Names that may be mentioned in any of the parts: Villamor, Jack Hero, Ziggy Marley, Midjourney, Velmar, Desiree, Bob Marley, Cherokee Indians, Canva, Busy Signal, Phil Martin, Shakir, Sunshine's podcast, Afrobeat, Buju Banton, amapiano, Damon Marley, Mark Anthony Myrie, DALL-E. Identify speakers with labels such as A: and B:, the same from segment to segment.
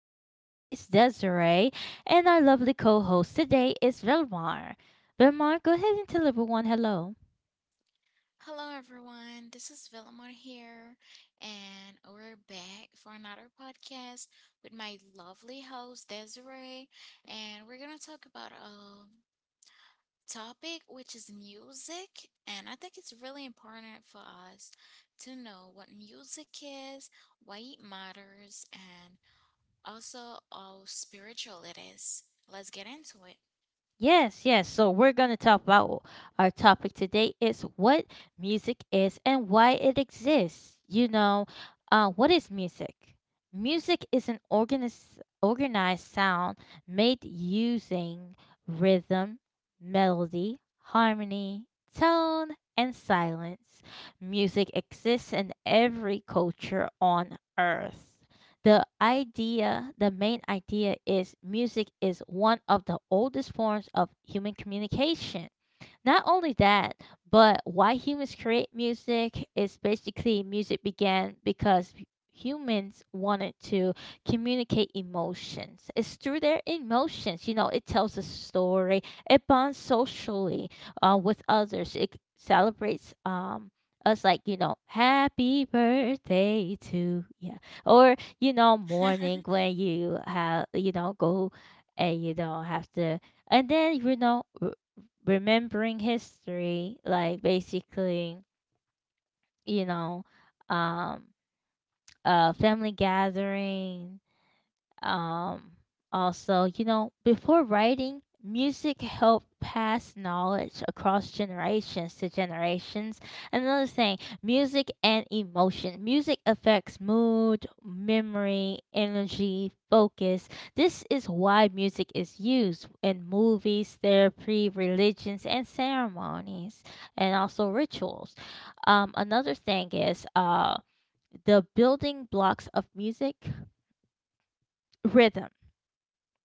A: is always Desiree, and our lovely co host today is Velmar. Velmar, go ahead and tell everyone hello.
B: Hello, everyone. This is Villamor here, and we're back for another podcast with my lovely host, Desiree. And we're going to talk about a topic which is music. And I think it's really important for us to know what music is, why it matters, and also how spiritual it is. Let's get into it.
A: Yes, yes. So we're going to talk about our topic today is what music is and why it exists. You know, what is music? Music is an organized sound made using rhythm, melody, harmony, tone, and silence. Music exists in every culture on earth. The main idea is music is one of the oldest forms of human communication. Not only that, but why humans create music is basically music began because humans wanted to communicate emotions. It's through their emotions, you know, it tells a story, it bonds socially with others, it celebrates us, like you know happy birthday to yeah, or you know morning when you have you know go and you know have to and then you know remembering history, like basically, you know, um, family gathering, um, also, you know, before writing, music helped pass knowledge across generations to generations. Another thing, music and emotion. Music affects mood, memory, energy, focus. This is why music is used in movies, therapy, religions, and ceremonies, and also rituals. Another thing is the building blocks of music. Rhythm,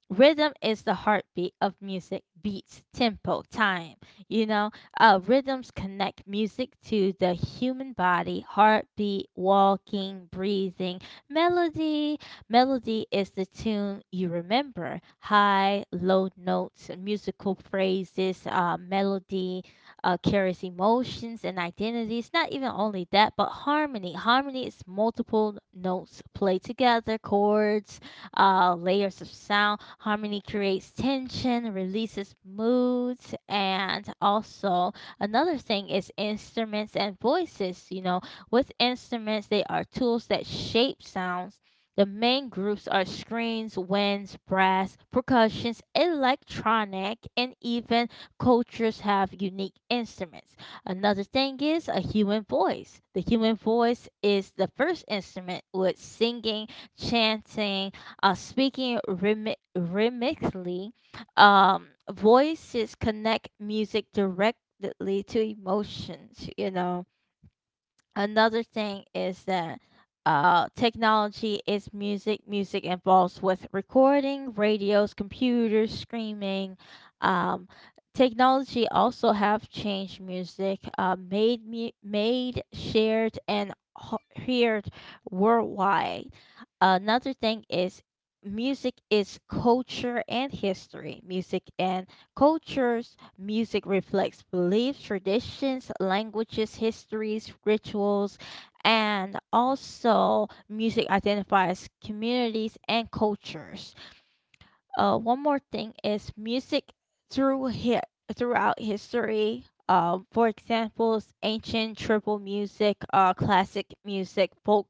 A: rhythm is the heartbeat of music, beats, tempo, time, you know, rhythms connect music to the human body, heartbeat, walking, breathing. Melody, melody is the tune you remember, high low notes, musical phrases, melody carries emotions and identities. Not even only that, but harmony, harmony is multiple notes played together, chords, layers of sound. Harmony creates tension, releases moods, and also another thing is instruments and voices. You know, with instruments, they are tools that shape sounds. The main groups are screens, winds, brass, percussions, electronic, and even cultures have unique instruments. Another thing is a human voice. The human voice is the first instrument, with singing, chanting, speaking rhythmically. Voices connect music directly to emotions, you know, another thing is that technology is music. Music involves with recording, radios, computers, streaming. Um, Technology also have changed music, made made, shared and heard worldwide. Another thing is music is culture and history. Music and cultures, music reflects beliefs, traditions, languages, histories, rituals, and also music identifies communities and cultures. One more thing is music through hi- throughout history. For examples, ancient tribal music, classic music,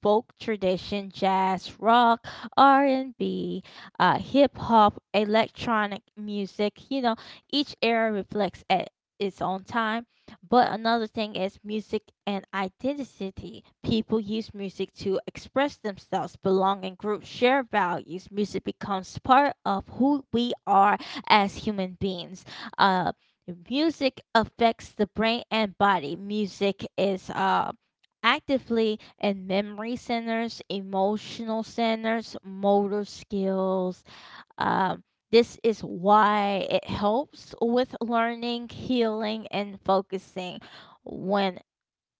A: folk tradition, jazz, rock, R and B, hip hop, electronic music. You know, each era reflects at its own time, but another thing is music and identity. People use music to express themselves, belong in groups, share values. Music becomes part of who we are as human beings. Uh, music affects the brain and body. Music is actively in memory centers, emotional centers, motor skills, um, this is why it helps with learning, healing, and focusing when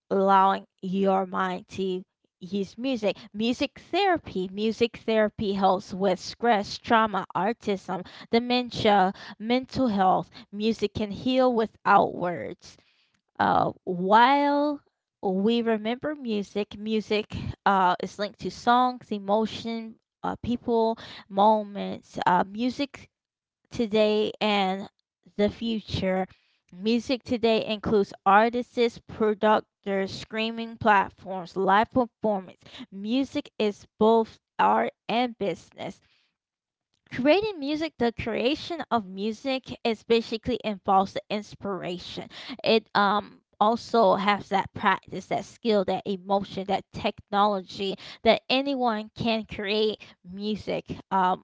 A: allowing your mind to use music. Music therapy. Music therapy helps with stress, trauma, autism, dementia, mental health. Music can heal without words. While we remember music, music is linked to songs, emotion, people, moments. Music today and the future. Music today includes artists, producers, streaming platforms, live performance. Music is both art and business. Creating music, the creation of music is basically involves the inspiration. It also has that practice, that skill, that emotion, that technology, that anyone can create music, um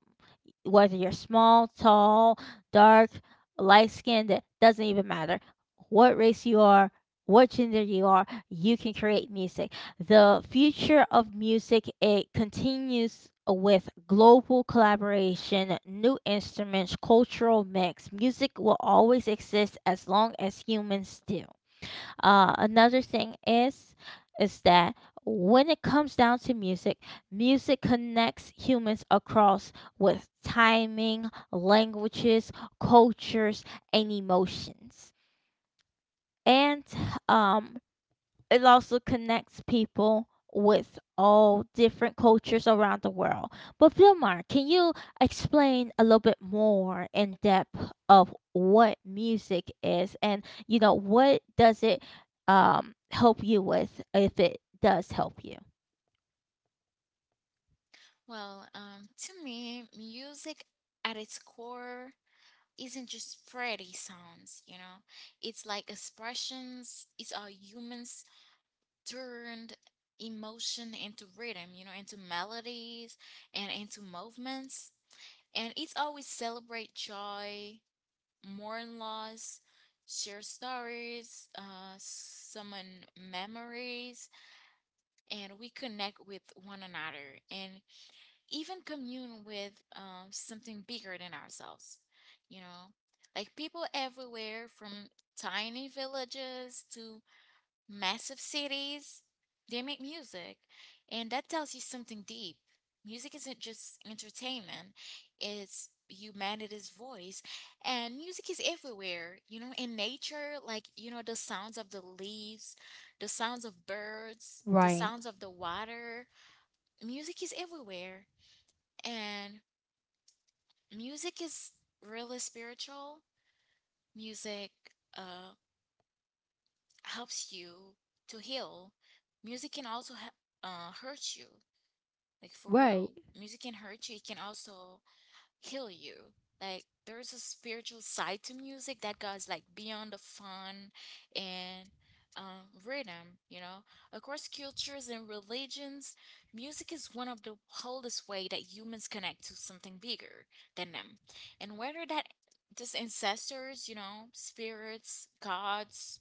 A: whether you're small, tall, dark, light skinned, it doesn't even matter what race you are, what gender you are, you can create music. The future of music, it continues with global collaboration, new instruments, cultural mix. Music will always exist as long as humans do. Another thing is that when it comes down to music, music connects humans across with timing, languages, cultures, and emotions. And um it also connects people with all different cultures around the world. But Vilmar, can you explain a little bit more in depth of what music is, and you know what does it help you with if it does help you?
B: Well, to me, music at its core isn't just pretty sounds, you know? It's like expressions, it's our humans turned emotion into rhythm, you know, into melodies and into movements. And it's always celebrate joy, mourn loss, share stories, summon memories, and we connect with one another. And even commune with something bigger than ourselves, you know? Like people everywhere from tiny villages to massive cities, they make music. And that tells you something deep. Music isn't just entertainment, it's humanity's voice. And music is everywhere, you know, in nature, like, you know, the sounds of the leaves, the sounds of birds, the
A: Right,
B: sounds of the water. Music is everywhere, and music is really spiritual. Music uh, helps you to heal. Music can also hurt you. Like for
A: right,
B: real, music can hurt you. It can also heal you. Like there's a spiritual side to music that goes like beyond the fun and rhythm, you know. Across cultures and religions, music is one of the oldest way that humans connect to something bigger than them. And whether that just ancestors, you know, spirits, gods,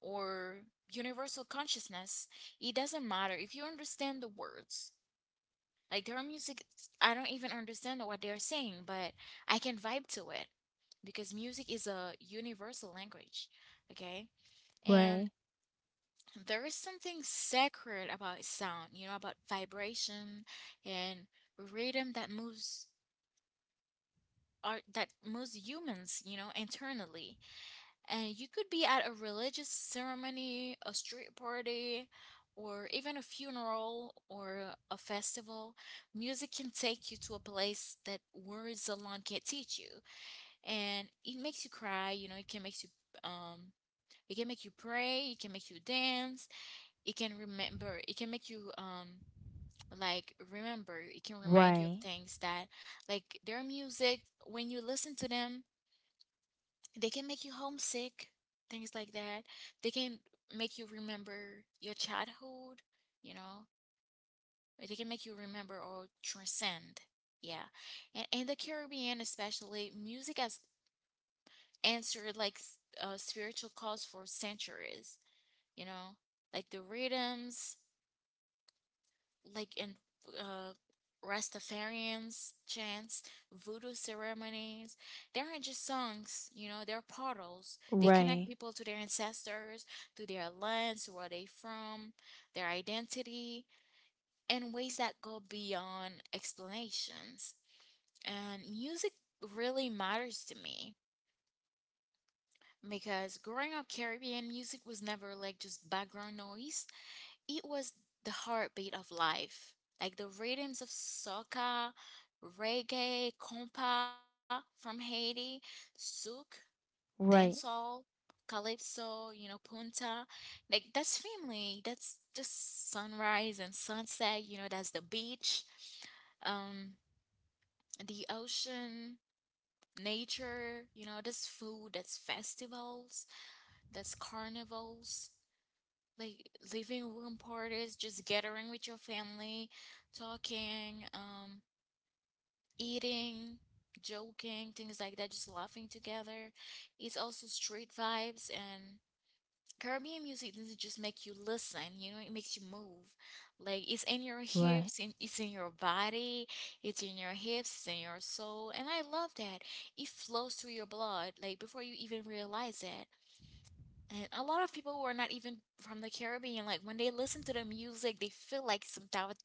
B: or universal consciousness, it doesn't matter if you understand the words like their music, I don't even understand what they're saying, but I can vibe to it because music is a universal language, okay? And
A: right,
B: there is something sacred about sound, you know, about vibration and rhythm that moves art that moves humans, you know, internally. And you could be at a religious ceremony, a street party, or even a funeral or a festival. Music can take you to a place that words alone can't teach you. And it makes you cry, you know, it can make you um it can make you pray, it can make you dance, it can remember, it can make you like remember, it can remind you of
A: right,
B: things that like their music when you listen to them they can make you homesick, things like that. They can make you remember your childhood, you know. They can make you remember or transcend. Yeah. And in the Caribbean, especially, music has answered like spiritual calls for centuries, you know, like the rhythms, like in uh, Rastafarians chants, voodoo ceremonies. They aren't just songs, you know, they're portals. They connect
A: right,
B: people to their ancestors, to their lands, where they from, their identity, in ways that go beyond explanations. And music really matters to me because growing up Caribbean music was never like just background noise. It was the heartbeat of life, like the rhythms of soca, reggae, compa from Haiti, souk,
A: right,
B: dancehall, calypso, you know, punta. Like that's family. That's just sunrise and sunset. You know, that's the beach, um, the ocean, nature. You know, that's food. That's festivals. That's carnivals like living room parties, just gathering with your family, talking, eating, joking, things like that, just laughing together. It's also street vibes, and Caribbean music doesn't just make you listen, you know, it makes you move. Like it's in your
A: right,
B: hips, it's in your body, it's in your hips, it's in your soul, and I love that. It flows through your blood, like before you even realize it. And a lot of people who are not even from the Caribbean, like when they listen to the music, they feel like some type of,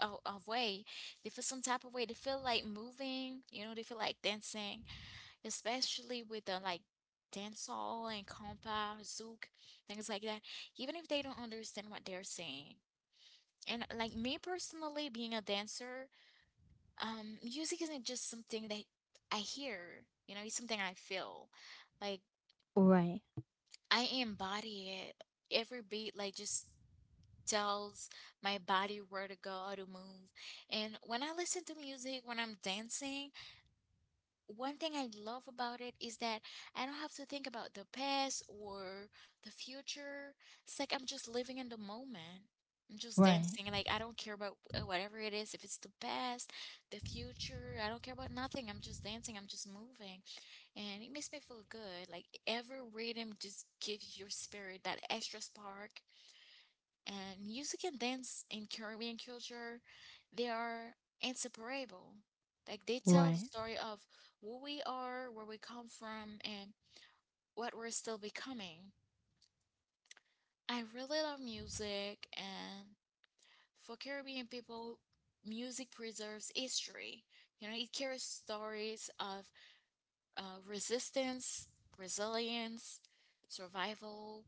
B: of, of way. They feel some type of way. They feel like moving, you know, they feel like dancing, especially with the like dancehall and compa, zouk, things like that, even if they don't understand what they're saying. And like me personally, being a dancer, music isn't just something that I hear, you know, it's something I feel. Like
A: right,
B: I embody it every beat like just tells my body where to go, how to move. And when I listen to music, when I'm dancing, one thing I love about it is that I don't have to think about the past or the future. It's like I'm just living in the moment. I'm just
A: right,
B: dancing. Like, I don't care about whatever it is, if it's the past, the future, I don't care about nothing. I'm just dancing, I'm just moving. And it makes me feel good. Like, every rhythm just gives your spirit that extra spark, and music and dance in Caribbean culture, they are inseparable. Like they tell the
A: right,
B: story of who we are, where we come from, and what we're still becoming. I really love music, and for Caribbean people, music preserves history. You know, it carries stories of resistance, resilience, survival,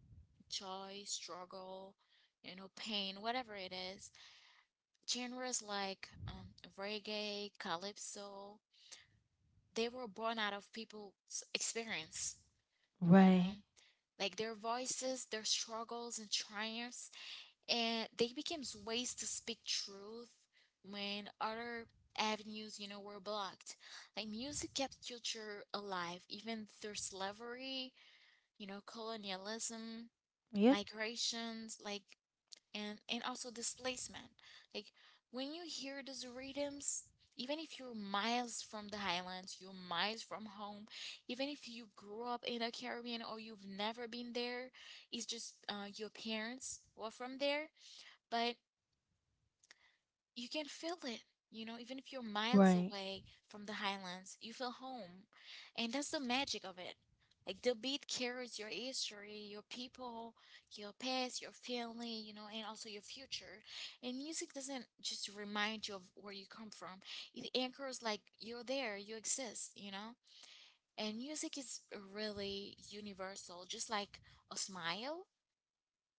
B: joy, struggle, you know, pain, whatever it is. Genres like reggae, calypso, they were born out of people's experience, you
A: right.
B: know? Like their voices, their struggles and triumphs, and they became ways to speak truth when other avenues, you know, were blocked. Like music kept culture alive even through slavery, you know, colonialism,
A: Yep.
B: migrations, like and also displacement. Like when you hear those rhythms, even if you're miles from the highlands, you're miles from home, even if you grew up in the Caribbean or you've never been there, it's just your parents were from there. But you can feel it. You know, even if you're miles
A: Right,
B: away from the highlands, you feel home. And that's the magic of it. Like the beat carries your history, your people, your past, your family, you know, and also your future. And music doesn't just remind you of where you come from, it anchors like you're there, you exist, you know? And music is really universal, just like a smile.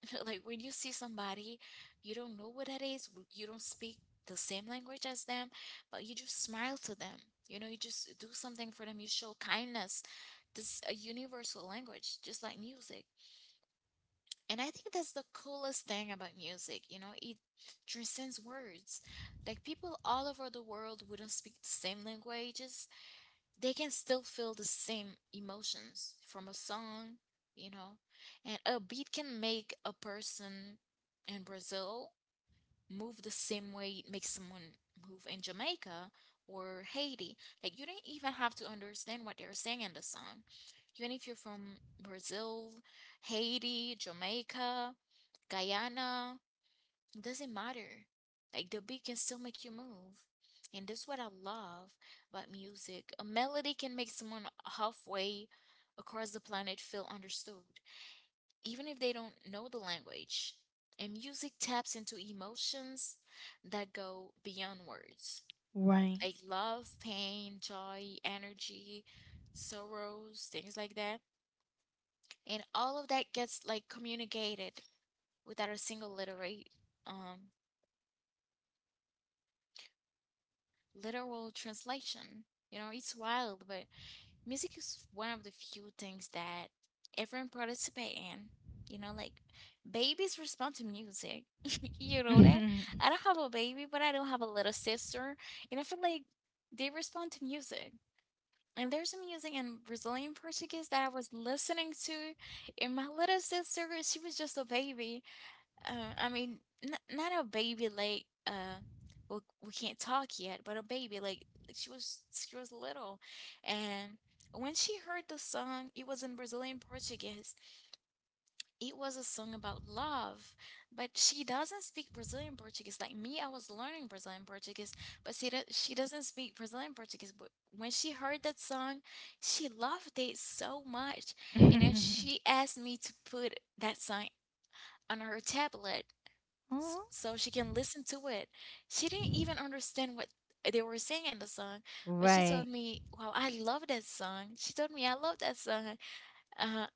B: Like when you see somebody, you don't know what that is, you don't speak the same language as them, but you just smile to them. You know, you just do something for them, you show kindness. This is a universal language, just like music. And I think that's the coolest thing about music, you know, it transcends words. Like people all over the world wouldn't speak the same languages, they can still feel the same emotions from a song, you know. And a beat can make a person in Brazil move the same way it makes someone move in Jamaica or Haiti. Like you don't even have to understand what they're saying in the song. Even if you're from Brazil, Haiti, Jamaica, Guyana, it doesn't matter. Like the beat can still make you move. And that's what I love about music. A melody can make someone halfway across the planet feel understood, even if they don't know the language. And music taps into emotions that go beyond words
A: right.
B: like love, pain, joy, energy, sorrows, things like that. And all of that gets like communicated without a single literary um literal translation. You know, it's wild, but music is one of the few things that everyone participate in. You know, like babies respond to music. You know that? I don't have a baby, but I don't have a little sister. And I feel like they respond to music. And there's some music in Brazilian Portuguese that I was listening to, and my little sister, she was just a baby. I mean, n not a baby like we we can't talk yet, but a baby like she was little, and when she heard the song, it was in Brazilian Portuguese. It was a song about love, but she doesn't speak Brazilian Portuguese like me. I was learning Brazilian Portuguese, but she doesn't speak Brazilian Portuguese. But when she heard that song, she loved it so much, and then she asked me to put that song on her tablet
A: Mhm.
B: so she can listen to it. She didn't even understand what they were saying in the song, but she
A: Right,
B: told me, "Wow, I love that song." She told me, "I love that song." Uh,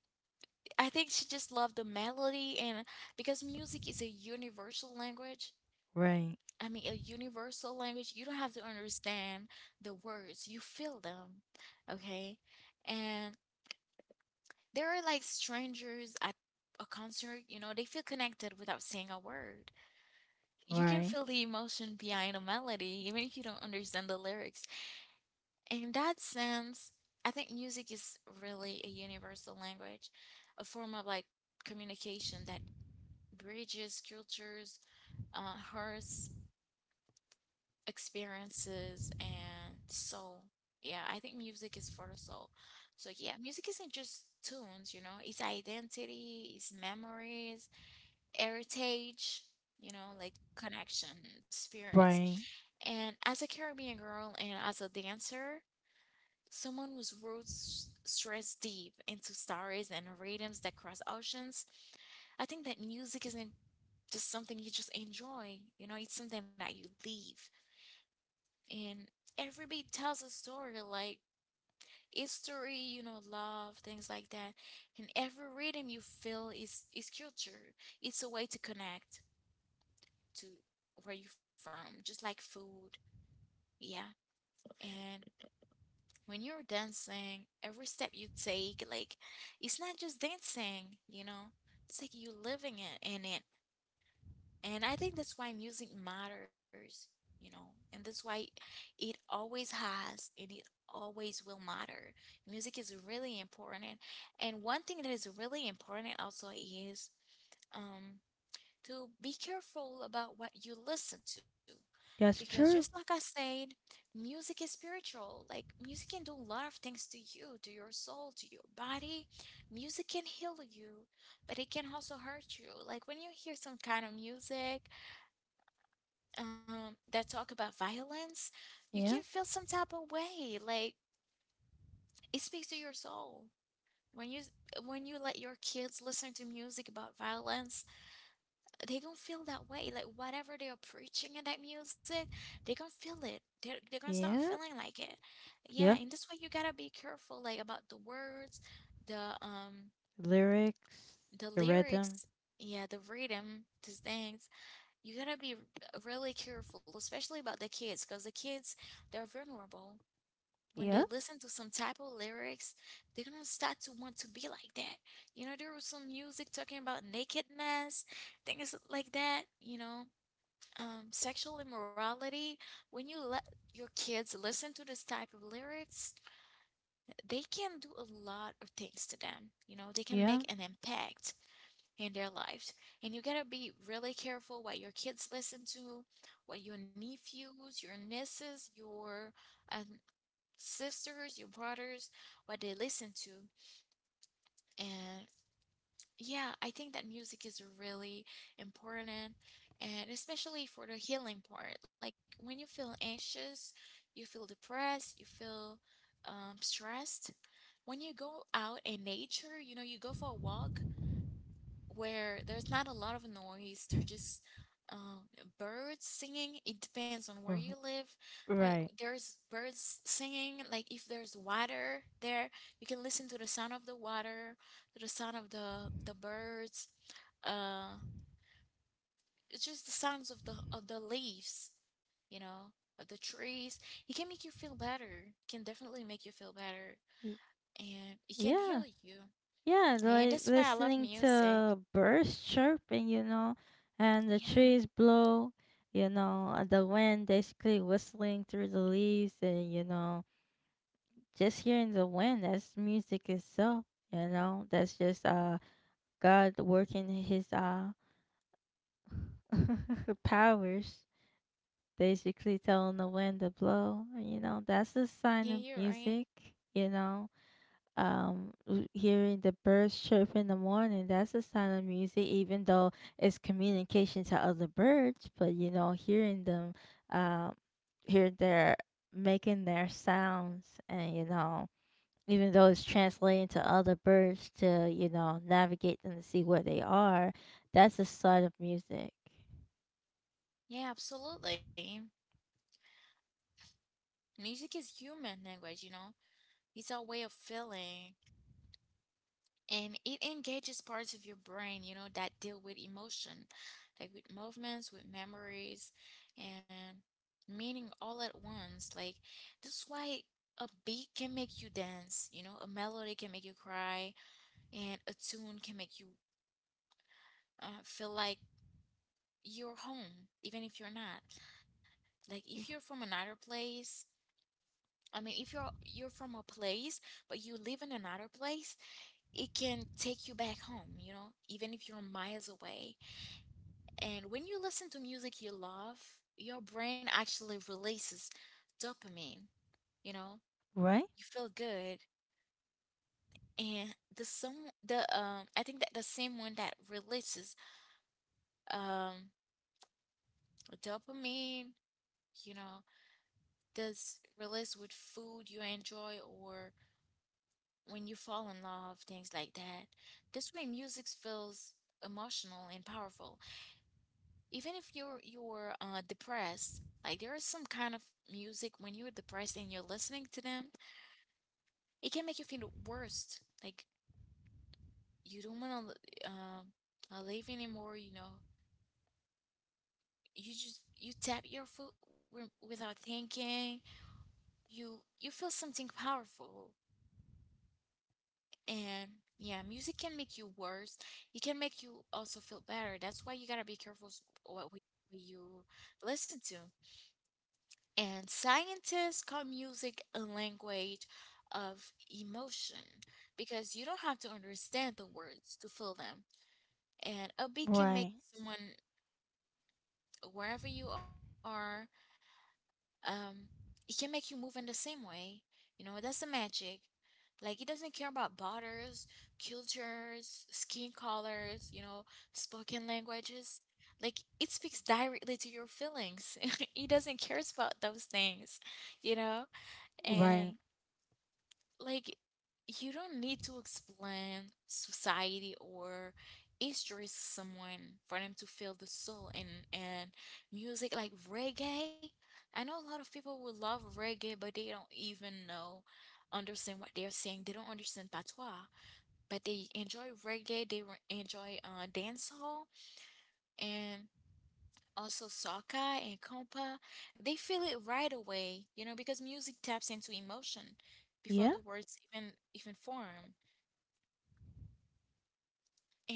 B: I think she just loved the melody, and because music is a universal language.
A: right,
B: I mean, a universal language. You don't have to understand the words; you feel them, okay? And they are like strangers at a concert. You know, they feel connected without saying a word. You can
A: right,
B: feel the emotion behind a melody, even if you don't understand the lyrics. In that sense, I think music is really a universal language, a form of like communication that bridges cultures, hearts, experiences, and soul. Yeah, I think music is for the soul. So yeah, music isn't just tunes, you know, it's identity, it's memories, heritage, you know, like connection, spirits.
A: right.
B: And as a Caribbean girl and as a dancer, someone whose roots stress deep into stories and rhythms that cross oceans, I think that music isn't just something you just enjoy, it's something that you live. And every beat tells a story, like history, love, things like that. And every rhythm you feel is culture. It's a way to connect to where you from, just like food. Yeah. And when you're dancing, every step you take, like it's not just dancing. It's like you living it in it. And I think that's why music matters. And that's why it always has and it always will matter. Music is really important, and one thing that is really important also is um to be careful about what you listen to. Because
A: That's
B: just like
A: true.
B: I said, music is spiritual. Like music can do a lot of things to you, to your soul, to your body. Music can heal you, but it can also hurt you. Like when you hear some kind of music that talk about violence, you can
A: Yeah,
B: feel some type of way. Like it speaks to your soul. When you when you let your kids listen to music about violence, they don't feel that way. Like whatever they are preaching in that music, they gonna feel it. They're gonna start
A: yeah,
B: feeling like it. Yeah,
A: yeah.
B: and that's why you gotta be careful, like about the words, the um,
A: Lyrics,
B: the
A: the rhythm.
B: lyrics. Yeah, the rhythm, these things. You gotta be really careful, especially about the kids, because the kids, they're vulnerable. When they
A: Yeah,
B: listen to some type of lyrics, they're gonna start to want to be like that. You know, there was some music talking about nakedness, things like that, sexual immorality, when you let your kids listen to this type of lyrics, they can do a lot of things to them. You know, they can make
A: yeah.
B: an impact in their lives. And you gotta be really careful what your kids listen to, what your nephews, your nieces, your um, sisters, your brothers, what they listen to. And yeah, I think that music is really important, and especially for the healing part. Like when you feel anxious, you feel depressed, you feel stressed. When you go out in nature, you know, you go for a walk, where there's not a lot of noise. There's just um, birds singing. It depends on where you
A: Mhm.
B: live. When
A: Right.
B: there's birds singing, like if there's water there, you can listen to the sound of the water, to the sound of the birds. Uh, it's just the sounds of the leaves, you know, of the trees. It can make you feel better. Can definitely make you feel better,
A: Y-
B: and it can heal
A: Yeah,
B: you.
A: yeah.
B: And
A: Like
B: that's why I love
A: listening
B: music.
A: to birds chirping, you know, and the
B: Yeah,
A: trees blow, you know, and the wind basically whistling through the leaves, and you know, just hearing the wind. That's music itself. You know, that's just God working his powers, basically telling the wind to blow. You know, that's a
B: yeah,
A: sign of
B: you're right.
A: music. You know, hearing the birds chirp in the morning, that's a sign of music, even though it's communication to other birds. But, you know, hearing them, um, hear their making their sounds, and, you know, even though it's translating to other birds to you know navigate them to see where they are, that's the start of music.
B: Yeah, absolutely. Music is human language, you know? It's our way of feeling. And it engages parts of your brain, you know, that deal with emotion, like with movements, with memories, and meaning all at once. Like, that's why a beat can make you dance, you know, a melody can make you cry, and a tune can make you feel like you're home, even if you're not. Like, if you're from another place, I mean, if you're from a place but you live in another place, it can take you back home, you know, even if you're miles away. And when you listen to music you love, your brain actually releases dopamine, you know.
A: Right.
B: You feel good. And the some the I think that the same one that releases um dopamine, you know, does release with food you enjoy or when you fall in love, things like that. That's why music feels emotional and powerful. Even if you're depressed, like there is some kind of music when you're depressed and you're listening to them, it can make you feel the worst. Like you don't want to live anymore. You know, you just you tap your foot without thinking. You feel something powerful. And yeah, music can make you worse. It can make you also feel better. That's why you gotta be careful what you listen to. And scientists call music a language of emotion because you don't have to understand the words to feel them. And a beat can make
A: Right.
B: someone, wherever you are, um it can make you move in the same way, you know. That's the magic. Like, it doesn't care about borders, cultures, skin colors, you know, spoken languages. Like, it speaks directly to your feelings. It doesn't care about those things, you know. And
A: Right.
B: like, you don't need to explain society or history to someone for them to feel the soul, and music like reggae. I know a lot of people will love reggae, but they don't even know, understand what they're saying. They don't understand patois, but they enjoy reggae. They enjoy dancehall, and also soca and compa. They feel it right away, you know, because music taps into emotion before
A: Yeah,
B: the words even form.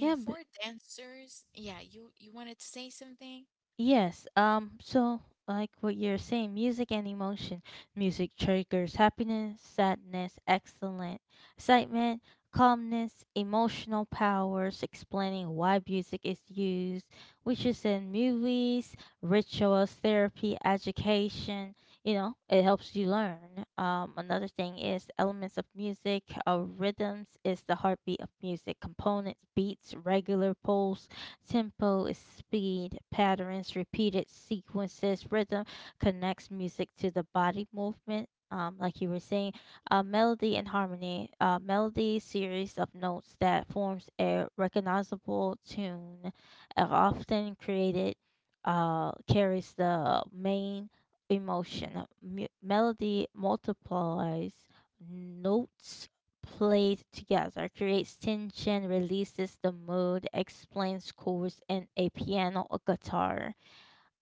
A: yeah.
B: for dancers, yeah, you wanted to say something.
A: Yes, so like what you're saying, music and emotion. Music triggers happiness, sadness, excellent excitement, calmness, emotional powers, explaining why music is used, which is in movies, rituals, therapy, education, you know, it helps you learn. Another thing is elements of music, rhythms is the heartbeat of music, components, beats, regular pulse. Tempo is speed, patterns, repeated sequences, rhythm connects music to the body movement. Like you were saying, melody and harmony. Melody series of notes that forms a recognizable tune, often created, carries the main emotion. Melody multiplies notes played together, creates tension, releases the mood, explains chords in a piano or guitar.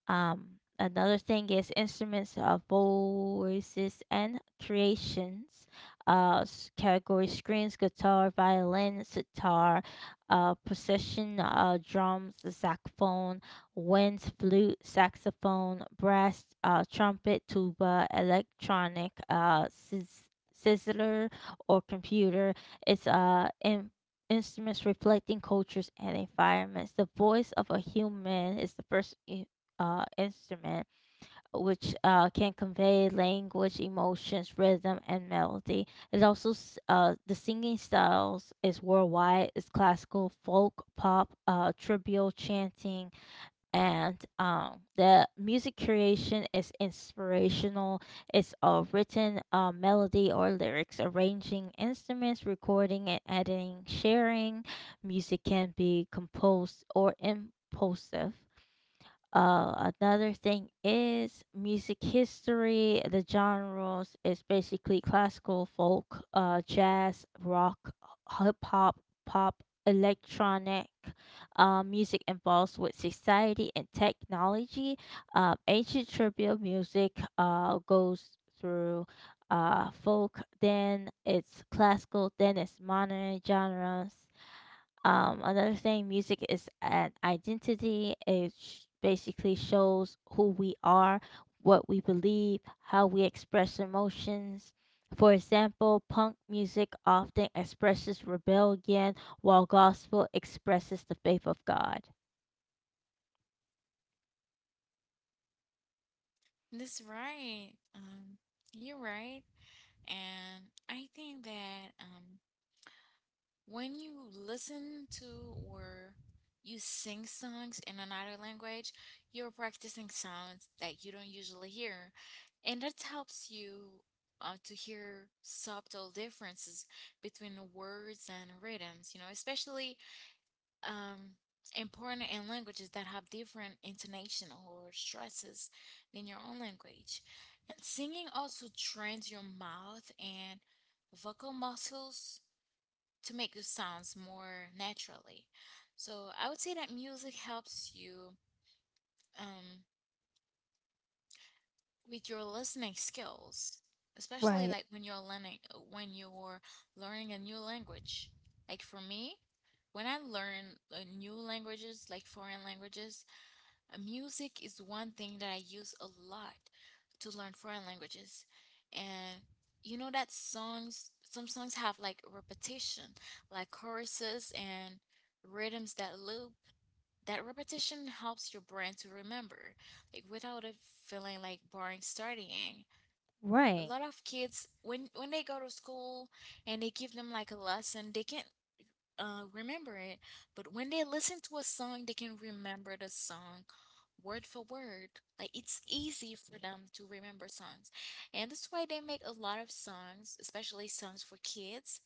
A: Another thing is instruments of voices and creations. Category screens, guitar, violin, sitar, percussion, drums, saxophone, wind, flute, saxophone, brass, trumpet, tuba, electronic, sizzler, or computer. It's in instruments reflecting cultures and environments. The voice of a human is the first instrument, which can convey language, emotions, rhythm, and melody. It also the singing styles is worldwide. It's classical, folk, pop, trivial chanting, and the music creation is inspirational. It's written melody or lyrics, arranging instruments, recording and editing, sharing. Music can be composed or impulsive. Uh, another thing is music history. The genres is basically classical, folk, jazz, rock, hip hop, pop, electronic. Music involves with society and technology. Ancient tribal music goes through folk, then it's classical, then it's modern genres. Um, another thing, music is an identity. Basically shows who we are, what we believe, how we express emotions. For example, punk music often expresses rebellion, while gospel expresses the faith of God.
B: That's right. You're right. And I think that, when you listen to or you sing songs in another language, you're practicing sounds that you don't usually hear, and that helps you to hear subtle differences between the words and rhythms, you know, especially um, important in languages that have different intonation or stresses than your own language. And singing also trains your mouth and vocal muscles to make the sounds more naturally. So I would say that music helps you um, with your listening skills, especially
A: Right,
B: like when you're learning a new language. Like for me, when I learn new languages, like foreign languages, music is one thing that I use a lot to learn foreign languages. And you know that songs, some songs have like repetition, like choruses and rhythms that loop. That repetition helps your brain to remember, like without it feeling like boring studying. A
A: right,
B: lot of kids, when they go to school and they give them like a lesson, they can't remember it, but when they listen to a song, they can remember the song word for word. Like it's easy for them to remember songs, and that's why they make a lot of songs, especially songs for kids,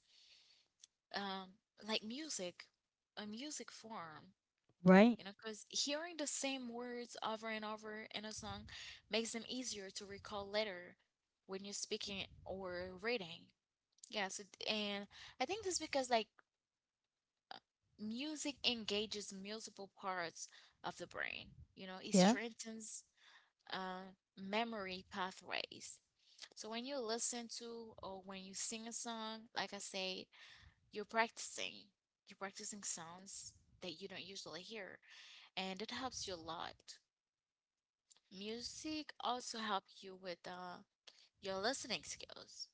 B: um, like music, a music form.
A: right.
B: You know, because hearing the same words over and over in a song makes them easier to recall later when you're speaking or reading. Yeah, so, and I think this because like music engages multiple parts of the brain. You know, it
A: Yeah,
B: strengthens memory pathways. So when you listen to or when you sing a song, like I say, you're practicing. You're practicing sounds that you don't usually hear, and it helps you a lot. Music also helps you with your listening skills.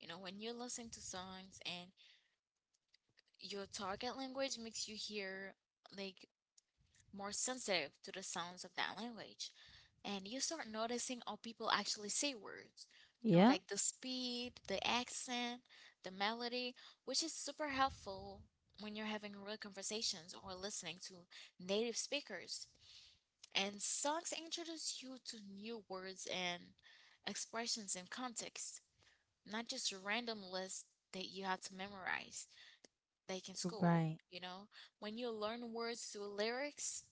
B: You know, when you listen to songs and your target language makes you hear like more sensitive to the sounds of that language. And you start noticing how people actually say words, you know,
A: yeah,
B: like the speed, the accent, the melody, which is super helpful when you're having real conversations or listening to native speakers. And songs introduce you to new words and expressions in context, not just random lists that you have to memorize, like in school.
A: right,
B: You know, when you learn words through lyrics,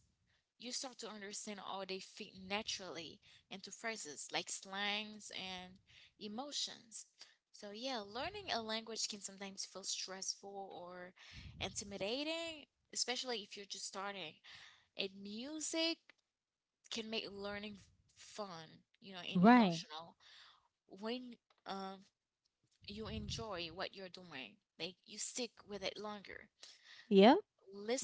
B: you start to understand how they fit naturally into phrases like slangs and emotions. So, yeah, learning a language can sometimes feel stressful or intimidating, especially if you're just starting. And music can make learning fun, you know, and
A: right.
B: emotional when um, you enjoy what you're doing. Like, you stick with it longer.
A: Yep,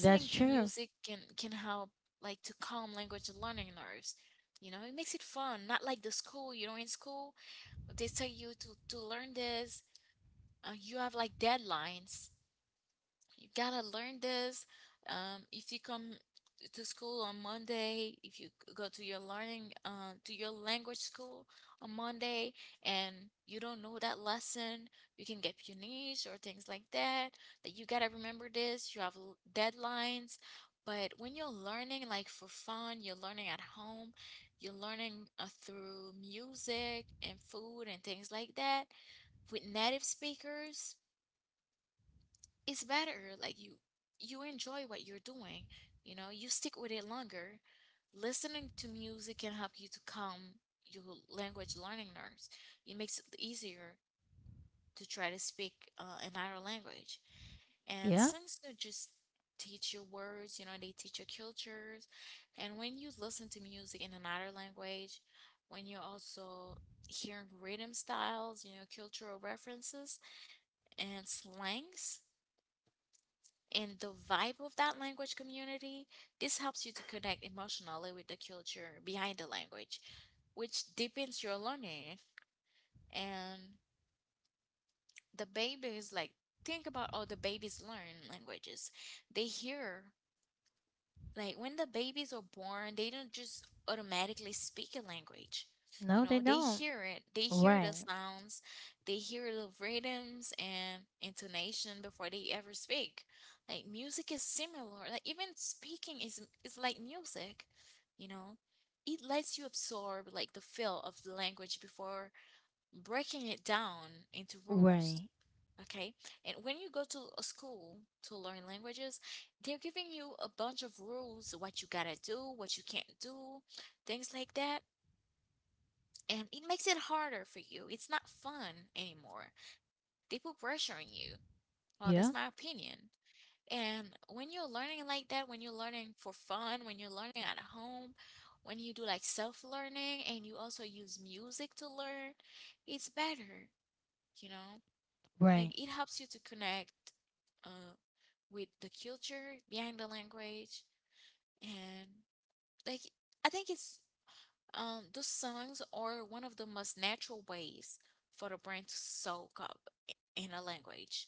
A: that's
B: to
A: true.
B: music can help like to calm language learning nerves. You know, it makes it fun. Not like the school, you know, in school, they tell you to learn this, and you have like deadlines. You gotta learn this. If you come to school on Monday, if you go to your learning, to your language school on Monday, and you don't know that lesson, you can get punished or things like that. That you gotta remember this. You have deadlines. But when you're learning, like for fun, you're learning at home, you're learning through music and food and things like that with native speakers, it's better. Like you enjoy what you're doing, you know, you stick with it longer. Listening to music can help you to calm your language learning nerves. It makes it easier to try to speak another language. And
A: Yeah,
B: songs don't just teach you words, you know, they teach you cultures. And when you listen to music in another language, when you're also hearing rhythm styles, you know, cultural references and slangs and the vibe of that language community, this helps you to connect emotionally with the culture behind the language, which deepens your learning. And the babies, like, think about all the babies learn languages. They hear, like, when the babies are born, they don't just automatically speak a language.
A: no,
B: You
A: they
B: know, they
A: don't.
B: hear it, they hear the
A: Right,
B: sounds, they hear the rhythms and intonation before they ever speak. Like, music is similar. Like, even speaking is like music, you know. It lets you absorb like the feel of the language before breaking it down into rules.
A: right.
B: Okay. And when you go to a school to learn languages, they're giving you a bunch of rules, what you gotta do, what you can't do, things like that. And it makes it harder for you. It's not fun anymore. They put pressure on you. Well, that's my
A: Yeah,
B: opinion. And when you're learning like that, when you're learning for fun, when you're learning at home, when you do like self-learning and you also use music to learn, it's better, you know?
A: right,
B: Like it helps you to connect uh with the culture behind the language and, like, I think it's, those songs are one of the most natural ways for the brain to soak up in a language.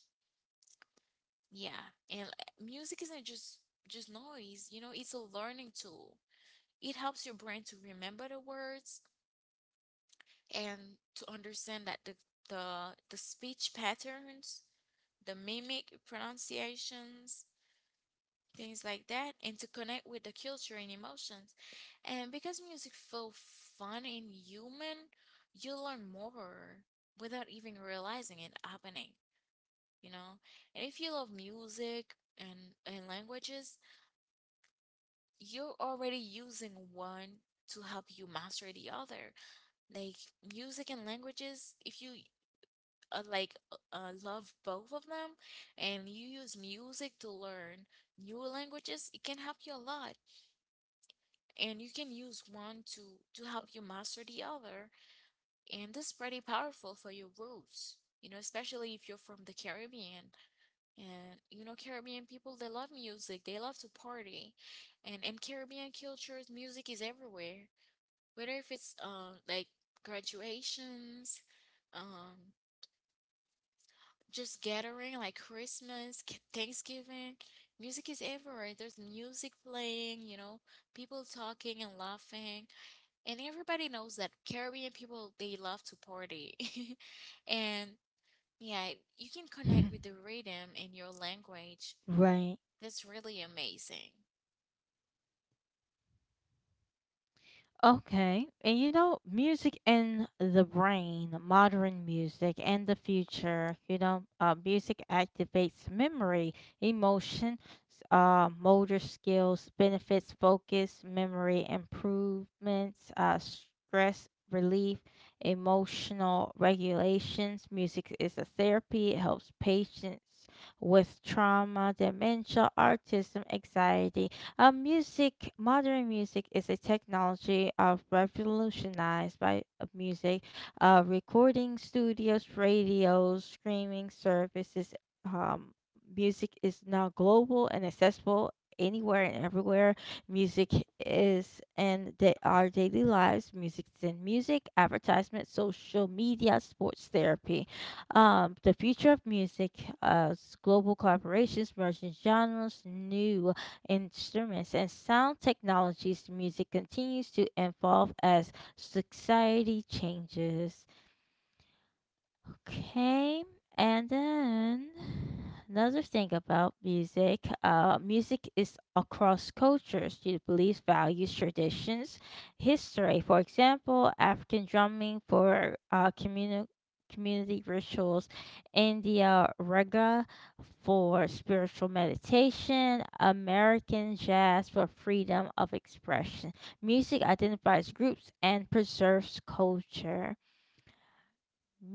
B: Yeah, and music isn't just noise, you know, it's a learning tool. It helps your brain to remember the words and to understand that the speech patterns, the mimic pronunciations, things like that, and to connect with the culture and emotions. And because music feels fun and human, you learn more without even realizing it happening, you know? And if you love music and languages, you're already using one to help you master the other. Like, music and languages, if you love both of them and you use music to learn new languages, it can help you a lot. And you can use one to help you master the other. And this is pretty powerful for your roots, you know, especially if you're from the Caribbean. And you know, Caribbean people, they love music, they love to party. And in Caribbean cultures, music is everywhere, whether if it's like graduations, um just gathering like Christmas, Thanksgiving. Music is everywhere, there's music playing, you know, people talking and laughing. And everybody knows that Caribbean people, they love to party. And yeah, you can connect with the rhythm in your language.
A: right.
B: That's really amazing.
A: Okay. And you know, music and the brain, modern music and the future, you know, music activates memory, emotion, motor skills, benefits focus, memory improvements, stress relief, emotional regulations. Music is a therapy, it helps patients with trauma, dementia, autism, anxiety, music, modern music is a technology of revolutionized by music, recording studios, radios, streaming services. Um, music is now global and accessible anywhere and everywhere. Music is in our daily lives. Music is in music, advertisement, social media, sports therapy. The future of music, global collaborations, merging genres, new instruments, and sound technologies, music continues to evolve as society changes. Okay, and then another thing about music, music is across cultures. It believes values, traditions, history. For example, African drumming for communal community rituals, India raga for spiritual meditation, American jazz for freedom of expression. Music identifies groups and preserves culture.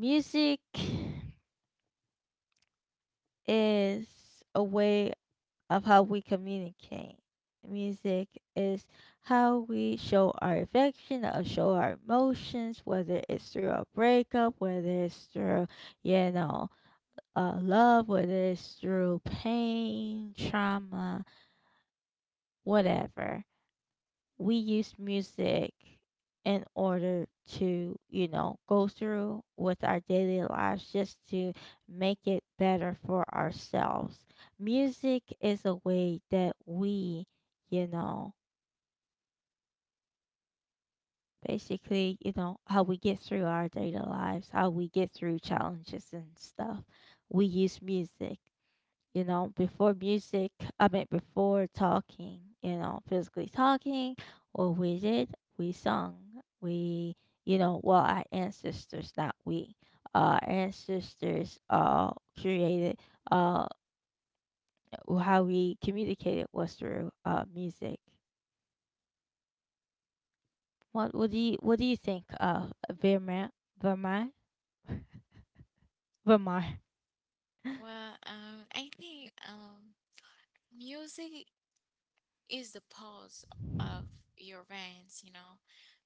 A: Music is a way of how we communicate. Music is how we show our affection or show our emotions, whether it's through a breakup, whether it's through, you know, love, whether it's through pain, trauma, whatever, we use music in order to, you know, go through with our daily lives just to make it better for ourselves. Music is a way that we, you know, basically, you know, how we get through our daily lives, how we get through challenges and stuff. We use music. You know, before music, I mean, before talking, you know, physically talking, what we did, we sung, we, you know, well, our ancestors, not we, our ancestors created, uh, how we communicated was through music. What do you think, uh, Vermeer Vermeer?
B: Well, I think music is the pulse of your veins, you know,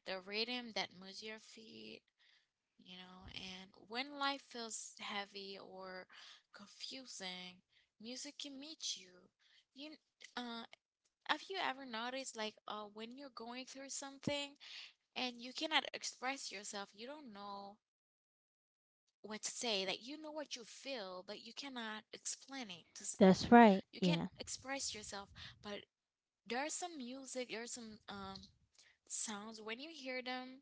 B: the rhythm that moves your feet, you know. And when life feels heavy or confusing, music can meet you. You, uh, have you ever noticed, like, when you're going through something and you cannot express yourself, you don't know what to say, like, you know what you feel, but you cannot explain it to someone.
A: That's right.
B: You can't
A: Yeah.
B: express yourself, but there's some music, there's some sounds when you hear them.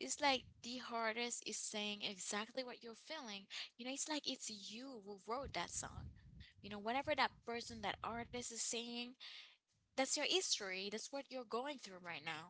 B: It's like the artist is saying exactly what you're feeling. You know, it's like it's you who wrote that song. You know, whatever that person, that artist is saying, that's your history. That's what you're going through right now.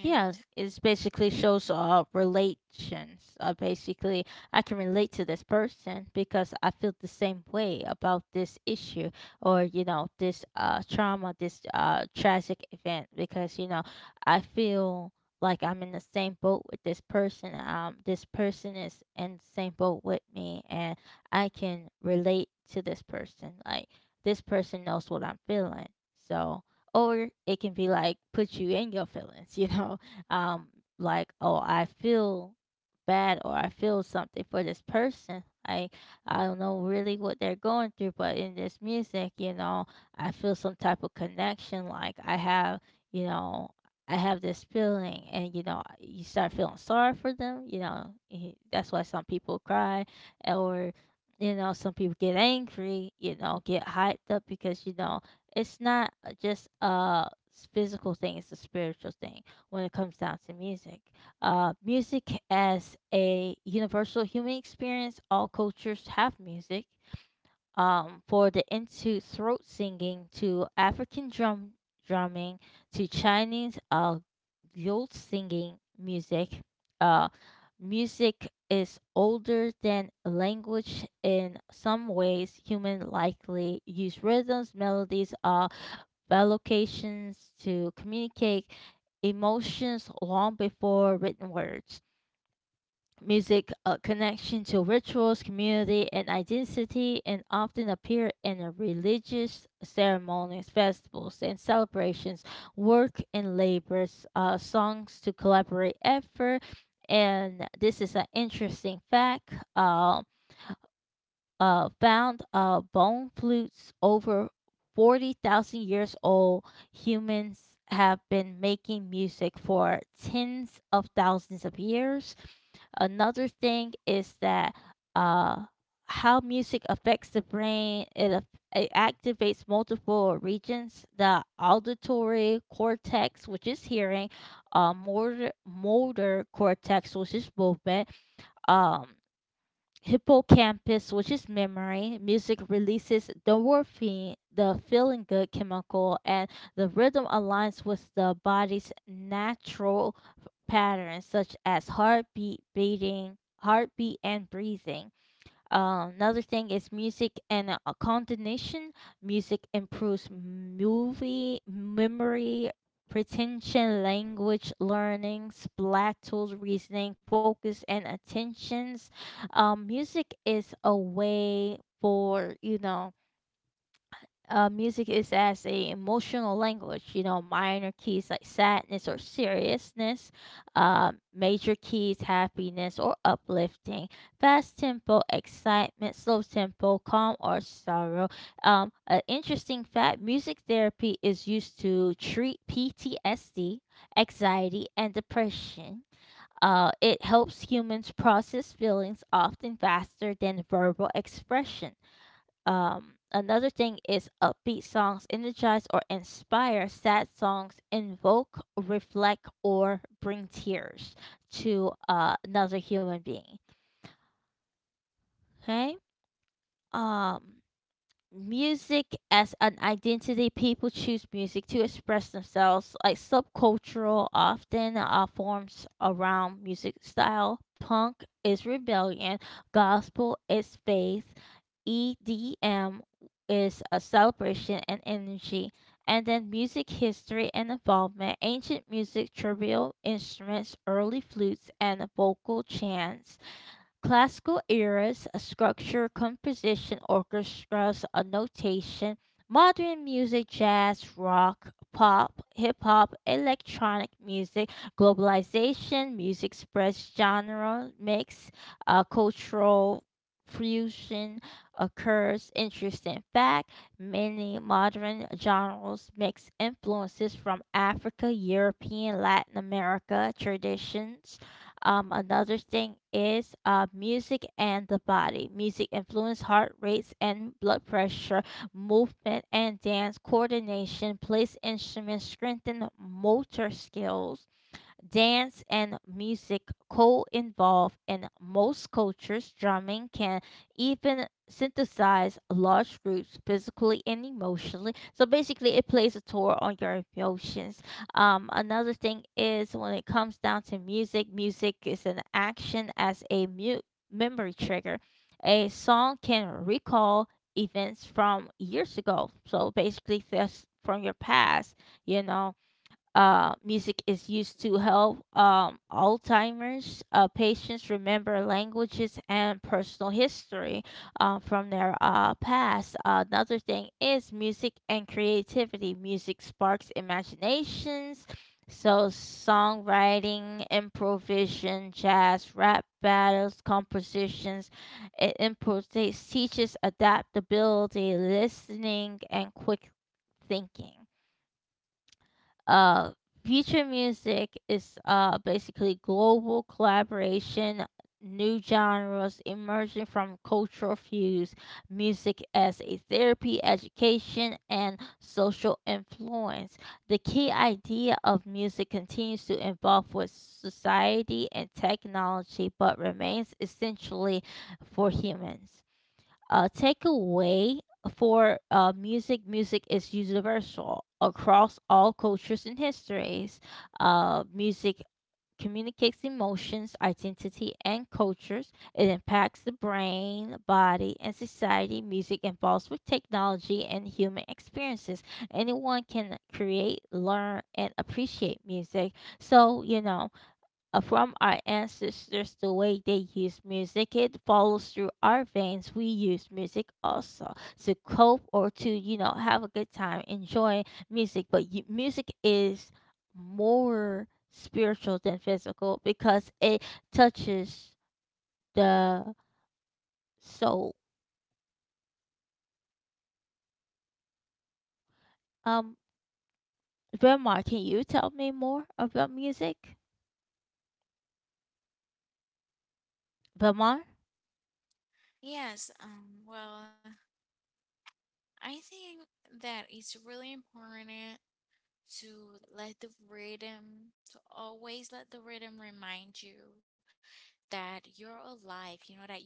A: Yeah, it's basically shows relations. Basically, I can relate to this person because I feel the same way about this issue or you know this trauma, this tragic event. Because you know I feel like I'm in the same boat with this person. This person is in the same boat with me, and I can relate to this person. Like this person knows what I'm feeling. So or it can be like put you in your feelings, you know, um, like oh I feel bad or I feel something for this person. Like I don't know really what they're going through, but in this music, you know, I feel some type of connection. Like I have, you know, I have this feeling, and you know, you start feeling sorry for them. You know, that's why some people cry, or you know, some people get angry. You know, get hyped up because you know it's not just a physical thing, it's a spiritual thing when it comes down to music. Uh, music as a universal human experience, all cultures have music. Um, for the into throat singing to African drumming, to Chinese youth singing music. Uh, Music is older than language in some ways. Human likely use rhythms, melodies, allocations to communicate emotions long before written words. Music a connection to rituals, community, and identity, and often appear in a religious ceremonies, festivals, and celebrations, work and labors, songs to collaborate effort. And this is an interesting fact, found bone flutes over 40,000 years old. Humans have been making music for tens of thousands of years. Another thing is that, uh, how music affects the brain. It activates multiple regions: the auditory cortex, which is hearing, uh, motor cortex, which is movement, um, hippocampus, which is memory. Music releases endorphin, the feeling good chemical, and the rhythm aligns with the body's natural patterns such as heartbeat and breathing. Another thing is music and coordination. Music improves movie memory, retention, language learning, splat tools, reasoning, focus, and attentions. Music is a way for music is as a emotional language. You know, minor keys like sadness or seriousness, major keys happiness or uplifting, fast tempo excitement, slow tempo calm or sorrow. An interesting fact: music therapy is used to treat PTSD, anxiety, and depression. It helps humans process feelings often faster than verbal expression. Another thing is upbeat songs energize or inspire. Sad songs invoke, reflect, or bring tears to another human being. Okay. Um, music as an identity. People choose music to express themselves. Like subcultural, often forms around music style. Punk is rebellion. Gospel is faith. EDM is a celebration and energy, and then music history and involvement, ancient music, trivial instruments, early flutes, and vocal chants. Classical eras, a structure, composition, orchestras, a notation. Modern music, jazz, rock, pop, hip hop, electronic music, globalization, music express genre, mix, cultural fusion occurs. Interesting fact, many modern genres mix influences from Africa, European, Latin America traditions. Um, another thing is music and the body. Music influence heart rates and blood pressure, movement and dance coordination, plays instruments, strengthen motor skills. Dance and music co-involve in most cultures. Drumming can even synthesize large groups physically and emotionally. So basically, it plays a tour on your emotions. Another thing is when it comes down to music, music is an action as a mute memory trigger. A song can recall events from years ago. So basically, that's from your past, you know, music is used to help Alzheimer's patients remember languages and personal history from their past. Another thing is music and creativity. Music sparks imaginations. So, songwriting, improvisation, jazz, rap battles, compositions, it improvises, teaches adaptability, listening, and quick thinking. Uh, future music is basically global collaboration, new genres emerging from cultural fuse, music as a therapy, education, and social influence. The key idea of music continues to evolve with society and technology, but remains essentially for humans. Uh, takeaway for music is universal across all cultures and histories. Uh, music communicates emotions identity and cultures, it impacts the brain body and society, music involves with technology and human experiences, anyone can create learn and appreciate music. So you know, from our ancestors the way they used music, it follows through our veins. We use music also to cope or to, you know, have a good time, enjoy music. But you, music is more spiritual than physical because it touches the soul. Um, Belmar, can you tell me more about music, Belmar?
B: yes, well, I think that it's really important to let the rhythm, to always let the rhythm remind you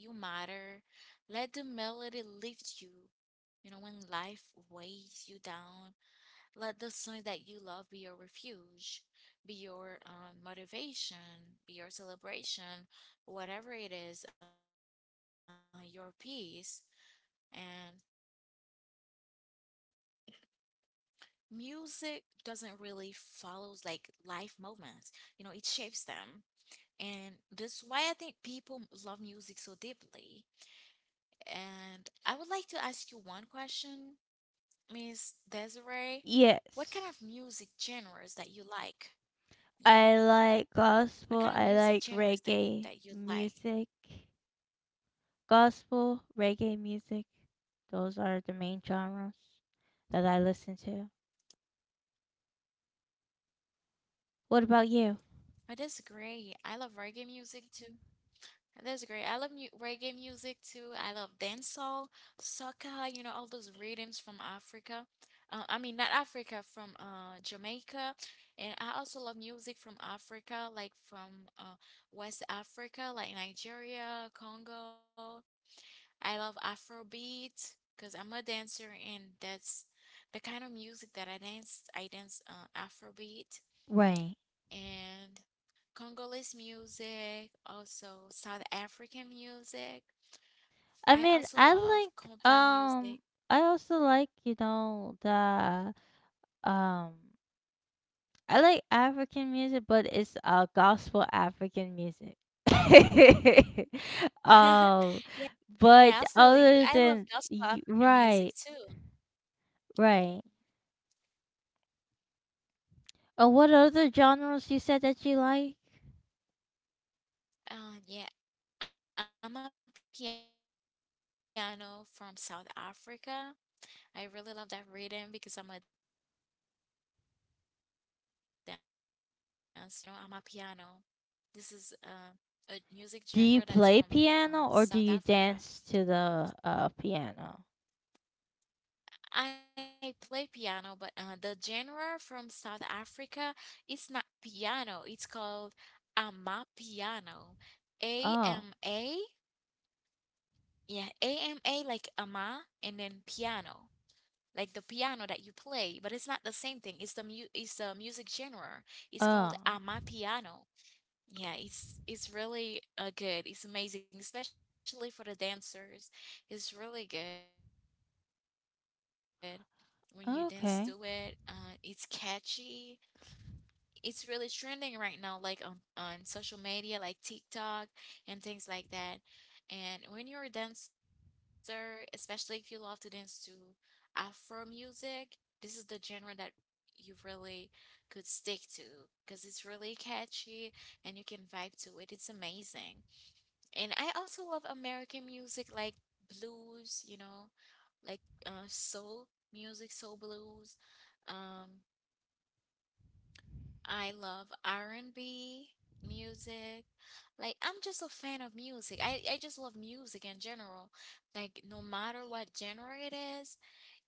B: that you're alive, you know, that you matter. Let the melody lift you. You know, when life weighs you down, let the songs that you love be your refuge, be your motivation, be your celebration, whatever it is, your peace. And music doesn't really follow like life moments, you know, it shapes them. And that's why I think people love music so deeply. And I would like to ask you one question, Miss Desiree. What
A: Yes.
B: kind of music genres that you like?
A: I
B: Yeah,
A: like gospel,
B: what
A: I
B: kind of
A: like
B: music genres that
A: reggae
B: you like?
A: music. Gospel, reggae music, those are the main genres that I listen to. What
B: I
A: about you?
B: disagree, I love reggae music too. That's great. I love mu reggae music too. I love dancehall, soca, you know, all those rhythms from Africa. I mean, not Africa, from Jamaica. And I also love music from Africa, like from West Africa, like Nigeria, Congo. I love Afrobeat because I'm a dancer, and that's the kind of music that I dance. I dance Afrobeat.
A: Right.
B: And Congolese music, also South African music.
A: I mean,
B: I
A: I
B: also
A: like
B: love compa
A: um, I
B: music.
A: also like, you know, the um, I like African music, but it's gospel African music. um, but
B: Yeah,
A: other
B: yeah, I
A: than
B: feel you. I love gospel
A: right,
B: African music too.
A: right. What other genres you said that you like?
B: Yeah, I'm a piano from South Africa. I really love that rhythm because I'm a dancer, and that's kind of the music that is trending right now. You know, I'm a piano. This is a music genre that is from
A: Do you play
B: South
A: piano or do
B: Africa.
A: you dance to the, piano?
B: I play piano, but the genre from South Africa is not piano. It's called ama piano. A
A: Oh,
B: M A, yeah, AMA like ama, and then piano, like the piano that you play. But it's not the same thing. It's the it's the music genre. It's called
A: oh,
B: ama piano. Yeah, it's really good. It's amazing, especially for the dancers. It's really good when you dance to it. It's catchy,
A: okay,
B: it's really trending right now, like on social media, like TikTok and things like that. And when you're a dancer, especially if you love to dance to Afro music, this is the genre that you really could stick to because it's really catchy and you can vibe to it. It's amazing. And I also love American music like blues, you know, like soul music, soul blues. Um, I love R&B music. Like, I'm just a fan of music. I just love music in general. Like, no matter what genre it is,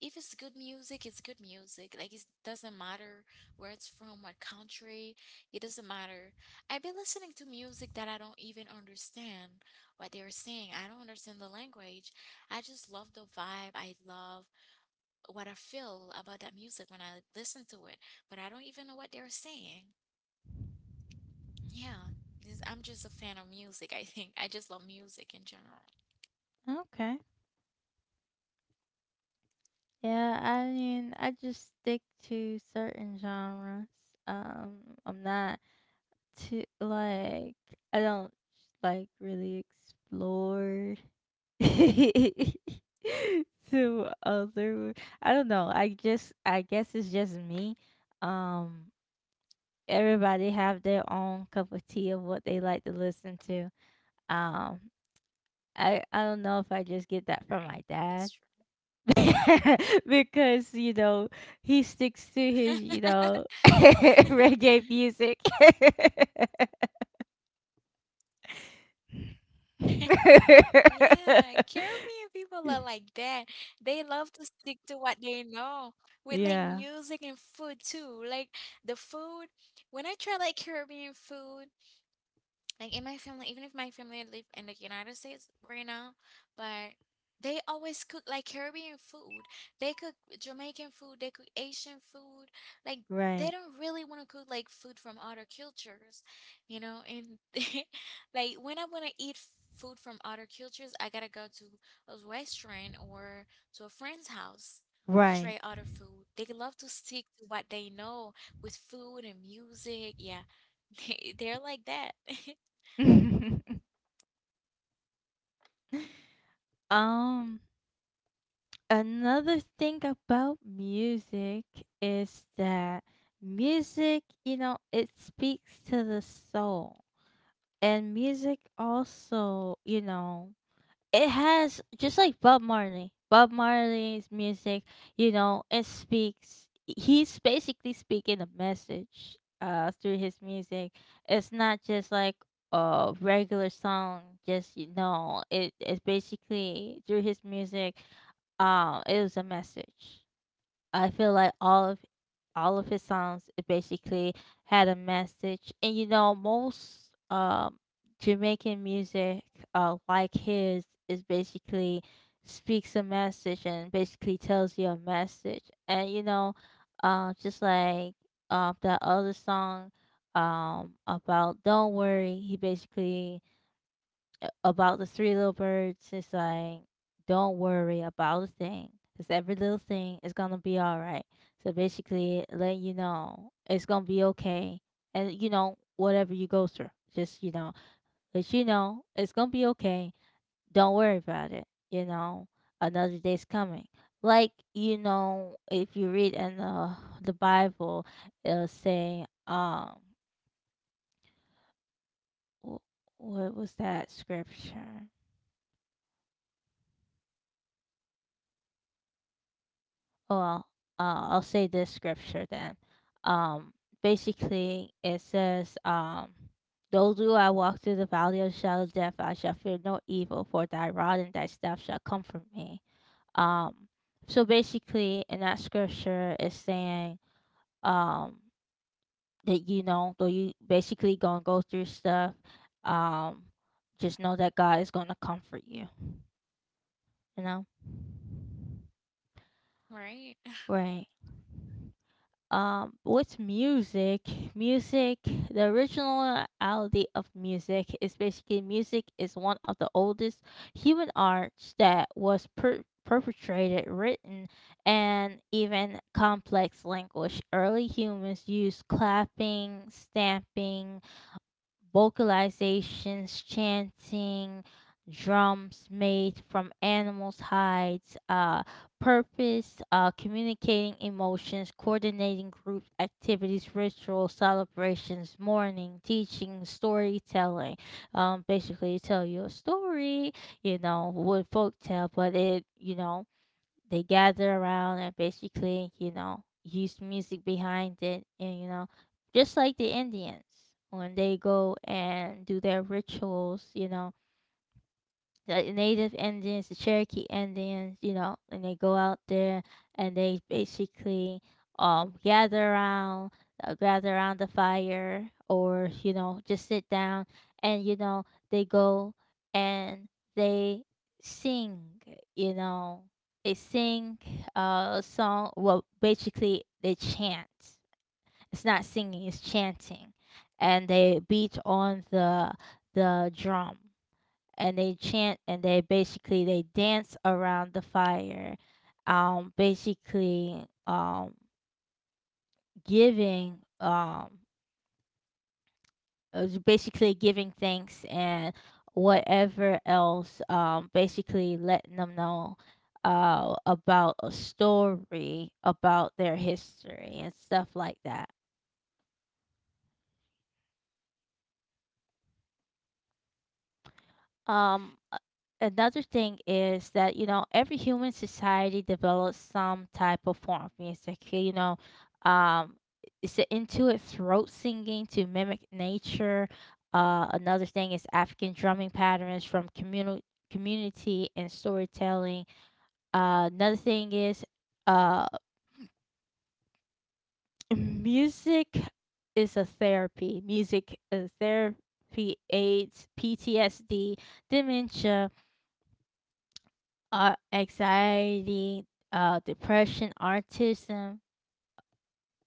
B: if it's good music, it's good music. Like, it doesn't matter where it's from, what country. It doesn't matter. I've been listening to music that I don't even understand what they were saying. I don't understand the language. I just love the vibe. I love what I feel about that music when I listen to it, but I don't even know what they're saying. Yeah, I'm just a fan of music, I think. I just love music in general,
A: okay. Yeah, I mean, I just stick to certain genres. Um, I'm not too like I don't like really explore to other. I don't know. I guess it's just me. Um, everybody have their own cup of tea of what they like to listen to. Um, I don't know if I just get that
B: right?
A: from my
B: It's true.
A: dad. Because you know he sticks to his, you know, reggae music.
B: Yeah, Caribbean people are like that. They love to stick to what they know with like
A: Yeah.
B: music and food too. Like the food, when I try like Caribbean food, like in my family, even if my family live in the United States right now, but they always cook like Caribbean food. They cook Jamaican food, they cook Asian food. Like,
A: Right.
B: they don't really want to cook like food from other cultures, you know? And like when I want to eat food from other cultures, I gotta go to a restaurant or to a friend's house to
A: Right.
B: try other food. They love to stick to what they know with food and music. Yeah. They're like that.
A: um. Another thing about music is that music, you know, it speaks to the soul. And music also, you know, it has, just like Bob Marley. Bob Marley's music, you know, it speaks, he's basically speaking a message through his music. It's not just like a regular song, just you know, it's basically through his music. Um, it was a message. I feel like all of his songs basically had a message, and you know most um, Jamaican music, like his, is basically speaks a message and basically tells you a message, and you know, just like that other song, about don't worry, he basically a about the three little birds, it's like, don't worry about a cause every little thing is gonna be all right. So basically, letting you know it's gonna be okay, and you know whatever you go through, just you know, let you know it's gonna be okay. Don't worry about it. You know, another day's coming. Like you know, if you read in the Bible, it'll say, wh- what was that scripture? Well, I'll say this scripture then. Um, basically, it says, though do I walk through the valley of the shadow of death, I shall fear no evil, for thy rod and thy staff shall comfort me. Um, so basically, in that scripture, it's saying um, that, you know, though you basically going to go through stuff, um, just know that God is going to comfort you, you know?
B: Right.
A: Right. Um, with music the originality of music is basically music is one of the oldest human arts that was perpetrated, written and even complex language. Early humans used clapping, stamping, vocalizations, chanting, drums made from animals' hides. Uh, purpose, communicating emotions, coordinating group activities, rituals, celebrations, mourning, teaching, storytelling. Basically, tell you a story, you know, with folk tale, but it, you know, they gather around and basically, you know, use music behind it, and you know, just like the Indians when they go and do their rituals, you know, the native Indians, the Cherokee Indians, you know, and they go out there and they basically um gather around gather around the fire, or you know just sit down and you know they go and they sing, you know they sing a song. Well basically they chant, it's not singing, it's chanting, and they beat on the drum, and they chant, and they basically they dance around the fire, basically giving basically giving thanks and whatever else, basically letting them know about a story about their history and stuff like that. Um, a- Another thing is that, you know, every human society develops some type of form of music. You know, um, it's the intuit throat singing to mimic nature. Another thing is African drumming patterns from communal community and storytelling. Another thing is uh, music is a therapy. Music is therapy, aids PTSD, dementia, anxiety, depression, autism.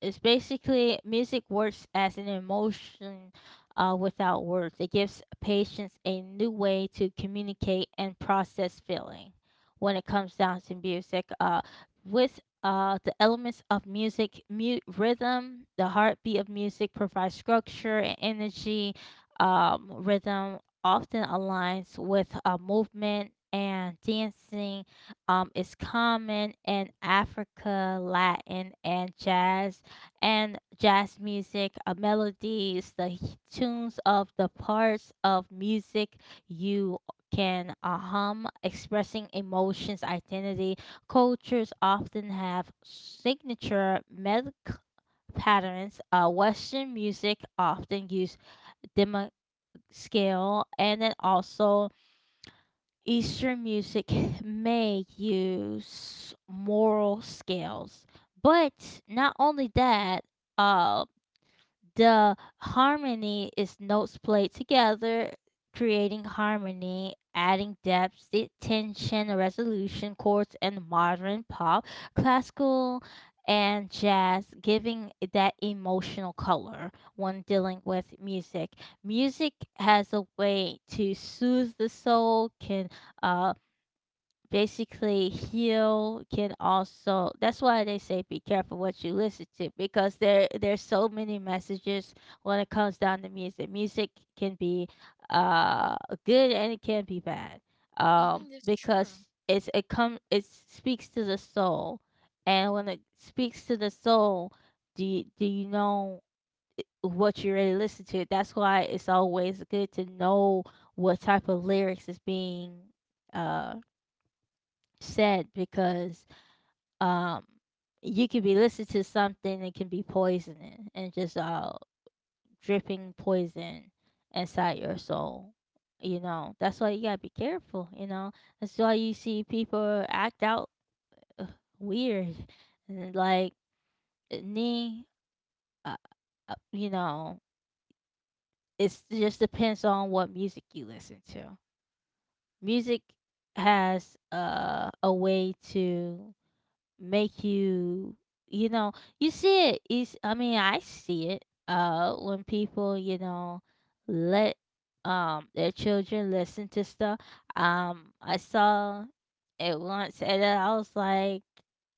A: It's basically music works as an emotion without words. It gives patients a new way to communicate and process feeling when it comes down to music. With the elements of music, mute rhythm, the heartbeat of music provides structure and energy. Rhythm often aligns with movement and dancing, is common in Africa, Latin, and jazz music. Melodies, tunes of the parts of music you can hum, expressing emotions, identity. Cultures often have signature melodic patterns. Western music often use demo scale, and then also Eastern music may use moral scales. But not only that, uh, the harmony is notes played together, creating harmony, adding depth, the tension, the resolution, chords, and modern pop, classical, and jazz, giving it that emotional color when dealing with music. Music has a way to soothe the soul, can uh, basically heel, can also. That's why they say be careful what you listen to, because there's so many messages when it comes down to music. Can be uh good and it can be bad,
B: Mm-hmm, that's
A: because
B: true.
A: it's it come it speaks to the soul. And when it speaks to the soul, do you know what you really listen to. That's why it's always good to know what type of lyrics is being uh said, because um you could be listening to something that can be poisoning and just dripping poison inside your soul. You know, that's why you gotta be careful, That's why you see people act out uh, weird. And like me, uh, uh, you know, it's it just depends on what music you listen to. Music has a way to make you, you know you see it. Is i mean I see it when people, let their children listen to stuff. I saw it once and then I was like,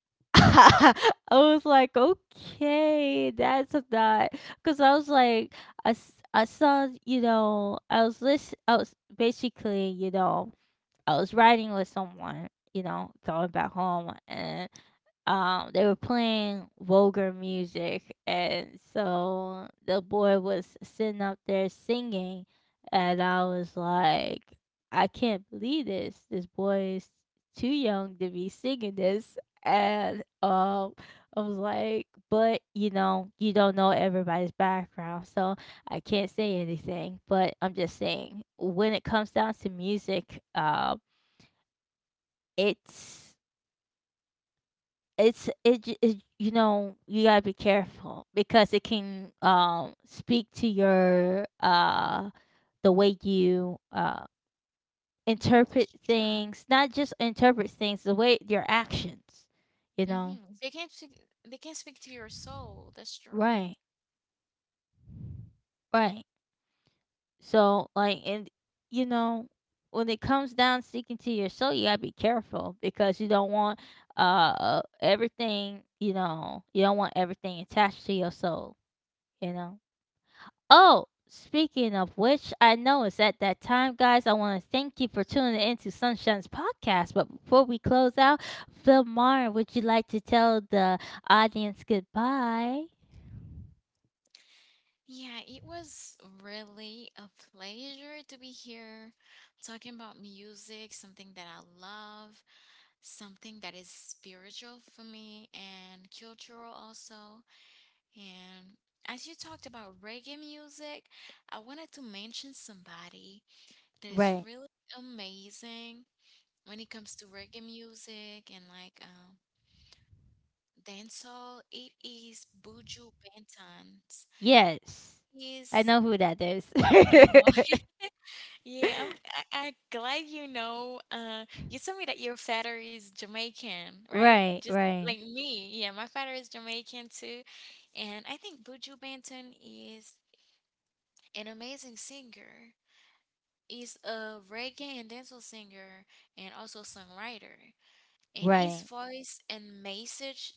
A: I was like, okay, that's not, because I was like, I saw, I was listen, I was basically, I was riding with someone, going back home. And they were playing vulgar music, and so the boy was sitting up there singing, and I was like, I can't believe this boy is too young to be singing this. And I was like, but you know, you don't know everybody's background, so I can't say anything. But I'm just saying, when it comes down to music, it's it, you know, you gotta be careful, because it can speak to your the way you
B: Mm-hmm,
A: interpret
B: that's true.
A: things. Not just interpret things, the way your actions, you know.
B: Mm-hmm. They can not speak, they can speak to your soul. That's true.
A: Right, right. So like, and, you know, when it comes down sticking to your soul, you gotta be careful, because you don't want everything, you know, you don't want everything attached to your soul, you know. Oh, speaking of which, I know it's at that time, guys. I want to thank you for tuning in to Sunshine's podcast. But before we close out, Phil Martin, would you like to tell the audience goodbye?
B: Yeah, it was really a pleasure to be here talking about music, something that I love, something that is spiritual for me and cultural also. And as you talked about reggae music, I wanted to mention somebody that is
A: Right.
B: really amazing. When it comes to reggae music and like dancehall, it is Buju Banton's.
A: Yes. I
B: He's
A: know who that is.
B: oh yeah. I glad you know. You told me that your father is Jamaican, right?
A: Right,
B: Just
A: right,
B: like me. Yeah, my father is Jamaican too, and I think Buju Banton is an amazing singer. He's a reggae and dancehall singer and also songwriter. And his
A: right,
B: voice and message,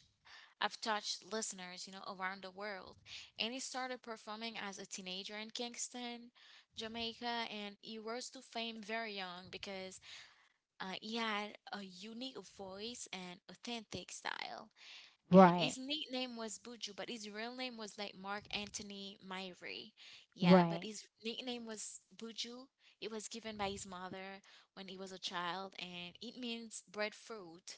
B: I've touched listeners, you know, around the world. And he started performing as a teenager in Kingston, Jamaica, and he rose to fame very young because he had a unique voice and authentic style. And his
A: right,
B: nickname was Buju, but his real name was like Mark Anthony Myrie. Yeah, but
A: right,
B: his nickname was Buju. It was given by his mother when he was a child, and it means breadfruit.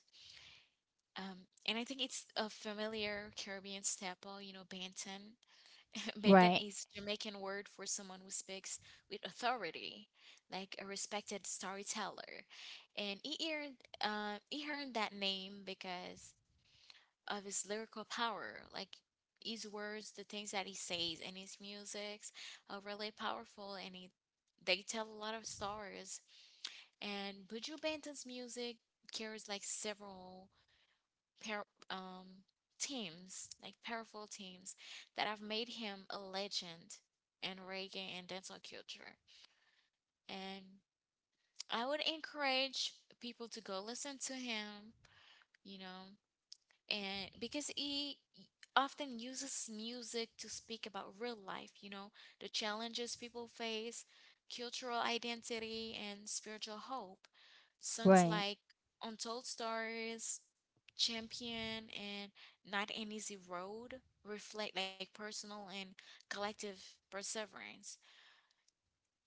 B: And I think it's a familiar Caribbean staple, you know. Banten. Banten
A: right,
B: is Jamaican word for someone who speaks with authority, like a respected storyteller. And he earned that name because of his lyrical power, like his words, the things that he says, and his music's are really powerful, and he, they tell a lot of stories. And Buju Banton's music carries like several par- um, teams, like powerful teams, that have made him a legend in reggae and dancehall culture. And I would encourage people to go listen to him. You know, and because he often uses music to speak about real life, you know, the challenges people face, cultural identity, and spiritual hope. Songs
A: right,
B: like Untold Stories, Champion, and Not an Easy Road reflect like personal and collective perseverance.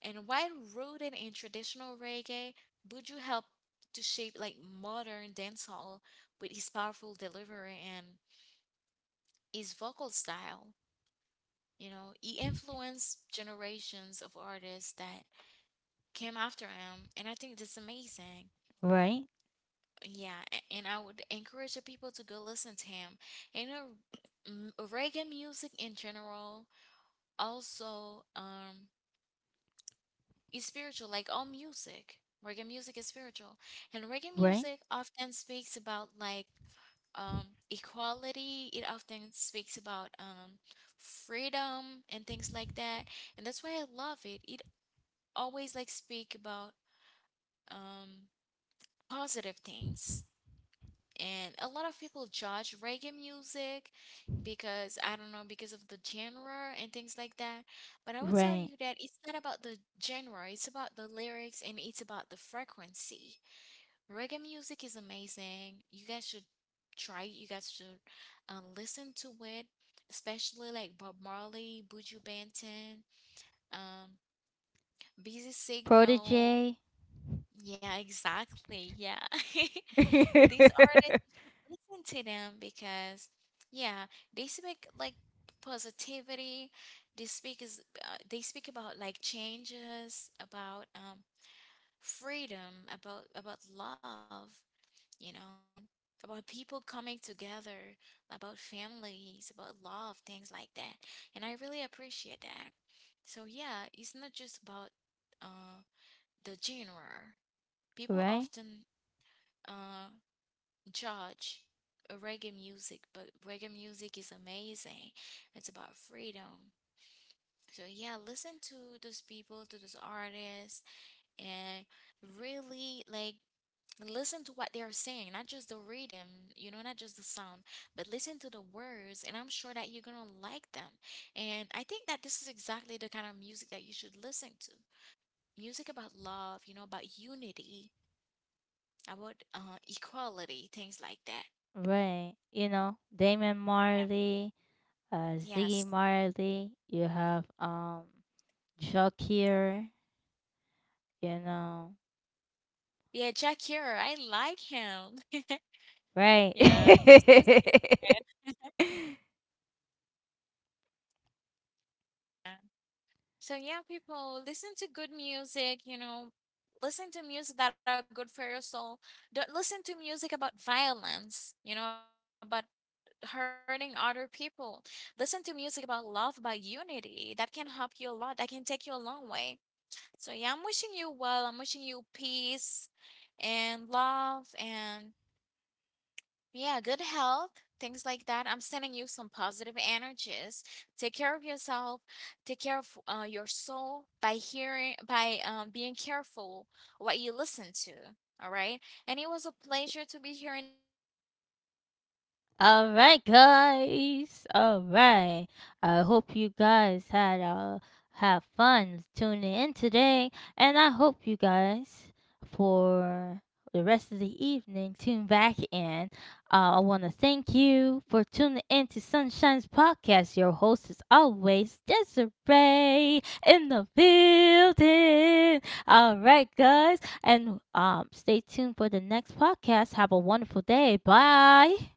B: And while rooted in traditional reggae, Buju helped to shape like modern dancehall with his powerful delivery and his vocal style. You know, he influenced generations of artists that came after him, and I think that's amazing.
A: right,
B: Yeah, and I would encourage the people to go listen to him. And reggae music in general, also, is spiritual, like all music. Reggae music is spiritual, and reggae
A: right,
B: music often speaks about like equality. It often speaks about freedom and things like that, and that's why I love it. It always like speak about um, positive things. And a lot of people judge reggae music because I don't know, because of the genre and things like that. But I would tell you
A: right,
B: that it's not about the genre, it's about the lyrics and it's about the frequency. Reggae music is amazing. You guys should try it. You guys should listen to it, especially like Bob Marley, Buju Banton, um, Busy Signal.
A: Protege.
B: Yeah, exactly. Yeah. These artists, you should listen to them because, yeah, they speak like positivity. They speak about like changes, about freedom, about love, you know, about people coming together, about families, about love, things like that. And I really appreciate that. So yeah, it's not just about uh the genre. People
A: Right.
B: often uh judge reggae music, but reggae music is amazing. It's about freedom. So yeah, listen to those people, to those artists, and really like listen to what they are saying, not just the rhythm, you know, not just the sound, but listen to the words, and I'm sure that you're gonna like them. And I think that this is exactly the kind of music that you should listen to. Music about love, you know, about unity, about equality, things like that.
A: Right. You know, Damon Marley,
B: Yeah.
A: Ziggy
B: Yes.
A: Marley, you have Shakir, you know.
B: Yeah, Jack Hero. I like him.
A: Right.
B: Yeah, his music is good. Yeah. So yeah, people listen to good music, you know, listen to music that are good for your soul. Don't listen to music about violence, you know, about hurting other people. Listen to music about love, about unity. That can help you a lot. That can take you a long way. So yeah, I'm wishing you well. I'm wishing you peace and love and, yeah, good health, things like that. I'm sending you some positive energies. Take care of yourself. Take care of your soul by hearing, by being careful what you listen to. All right. And it was a pleasure to be here in, in this podcast with you guys,
A: All right,
B: with my wonderful
A: guys. All
B: host,
A: right. I
B: Desiree.
A: hope you guys
B: As
A: had
B: always, it was a
A: have fun
B: pleasure, and I
A: tuning in
B: really
A: today,
B: enjoyed this
A: and I hope
B: podcast.
A: you
B: Have a
A: guys
B: great night.
A: for
B: Have a
A: the
B: great
A: rest
B: rest
A: of
B: of
A: the
B: your
A: evening
B: day.
A: tune back
B: It
A: in.
B: depends of
A: I want to
B: where
A: thank
B: you're listening
A: you for
B: us
A: tuning
B: from.
A: in to
B: And
A: Sunshine's
B: yeah, take care of
A: podcast. Your
B: yourself.
A: host is
B: Be
A: always
B: safe.
A: Desiree in the building. All right, guys, and stay tuned for the next podcast. Have a wonderful day. Bye.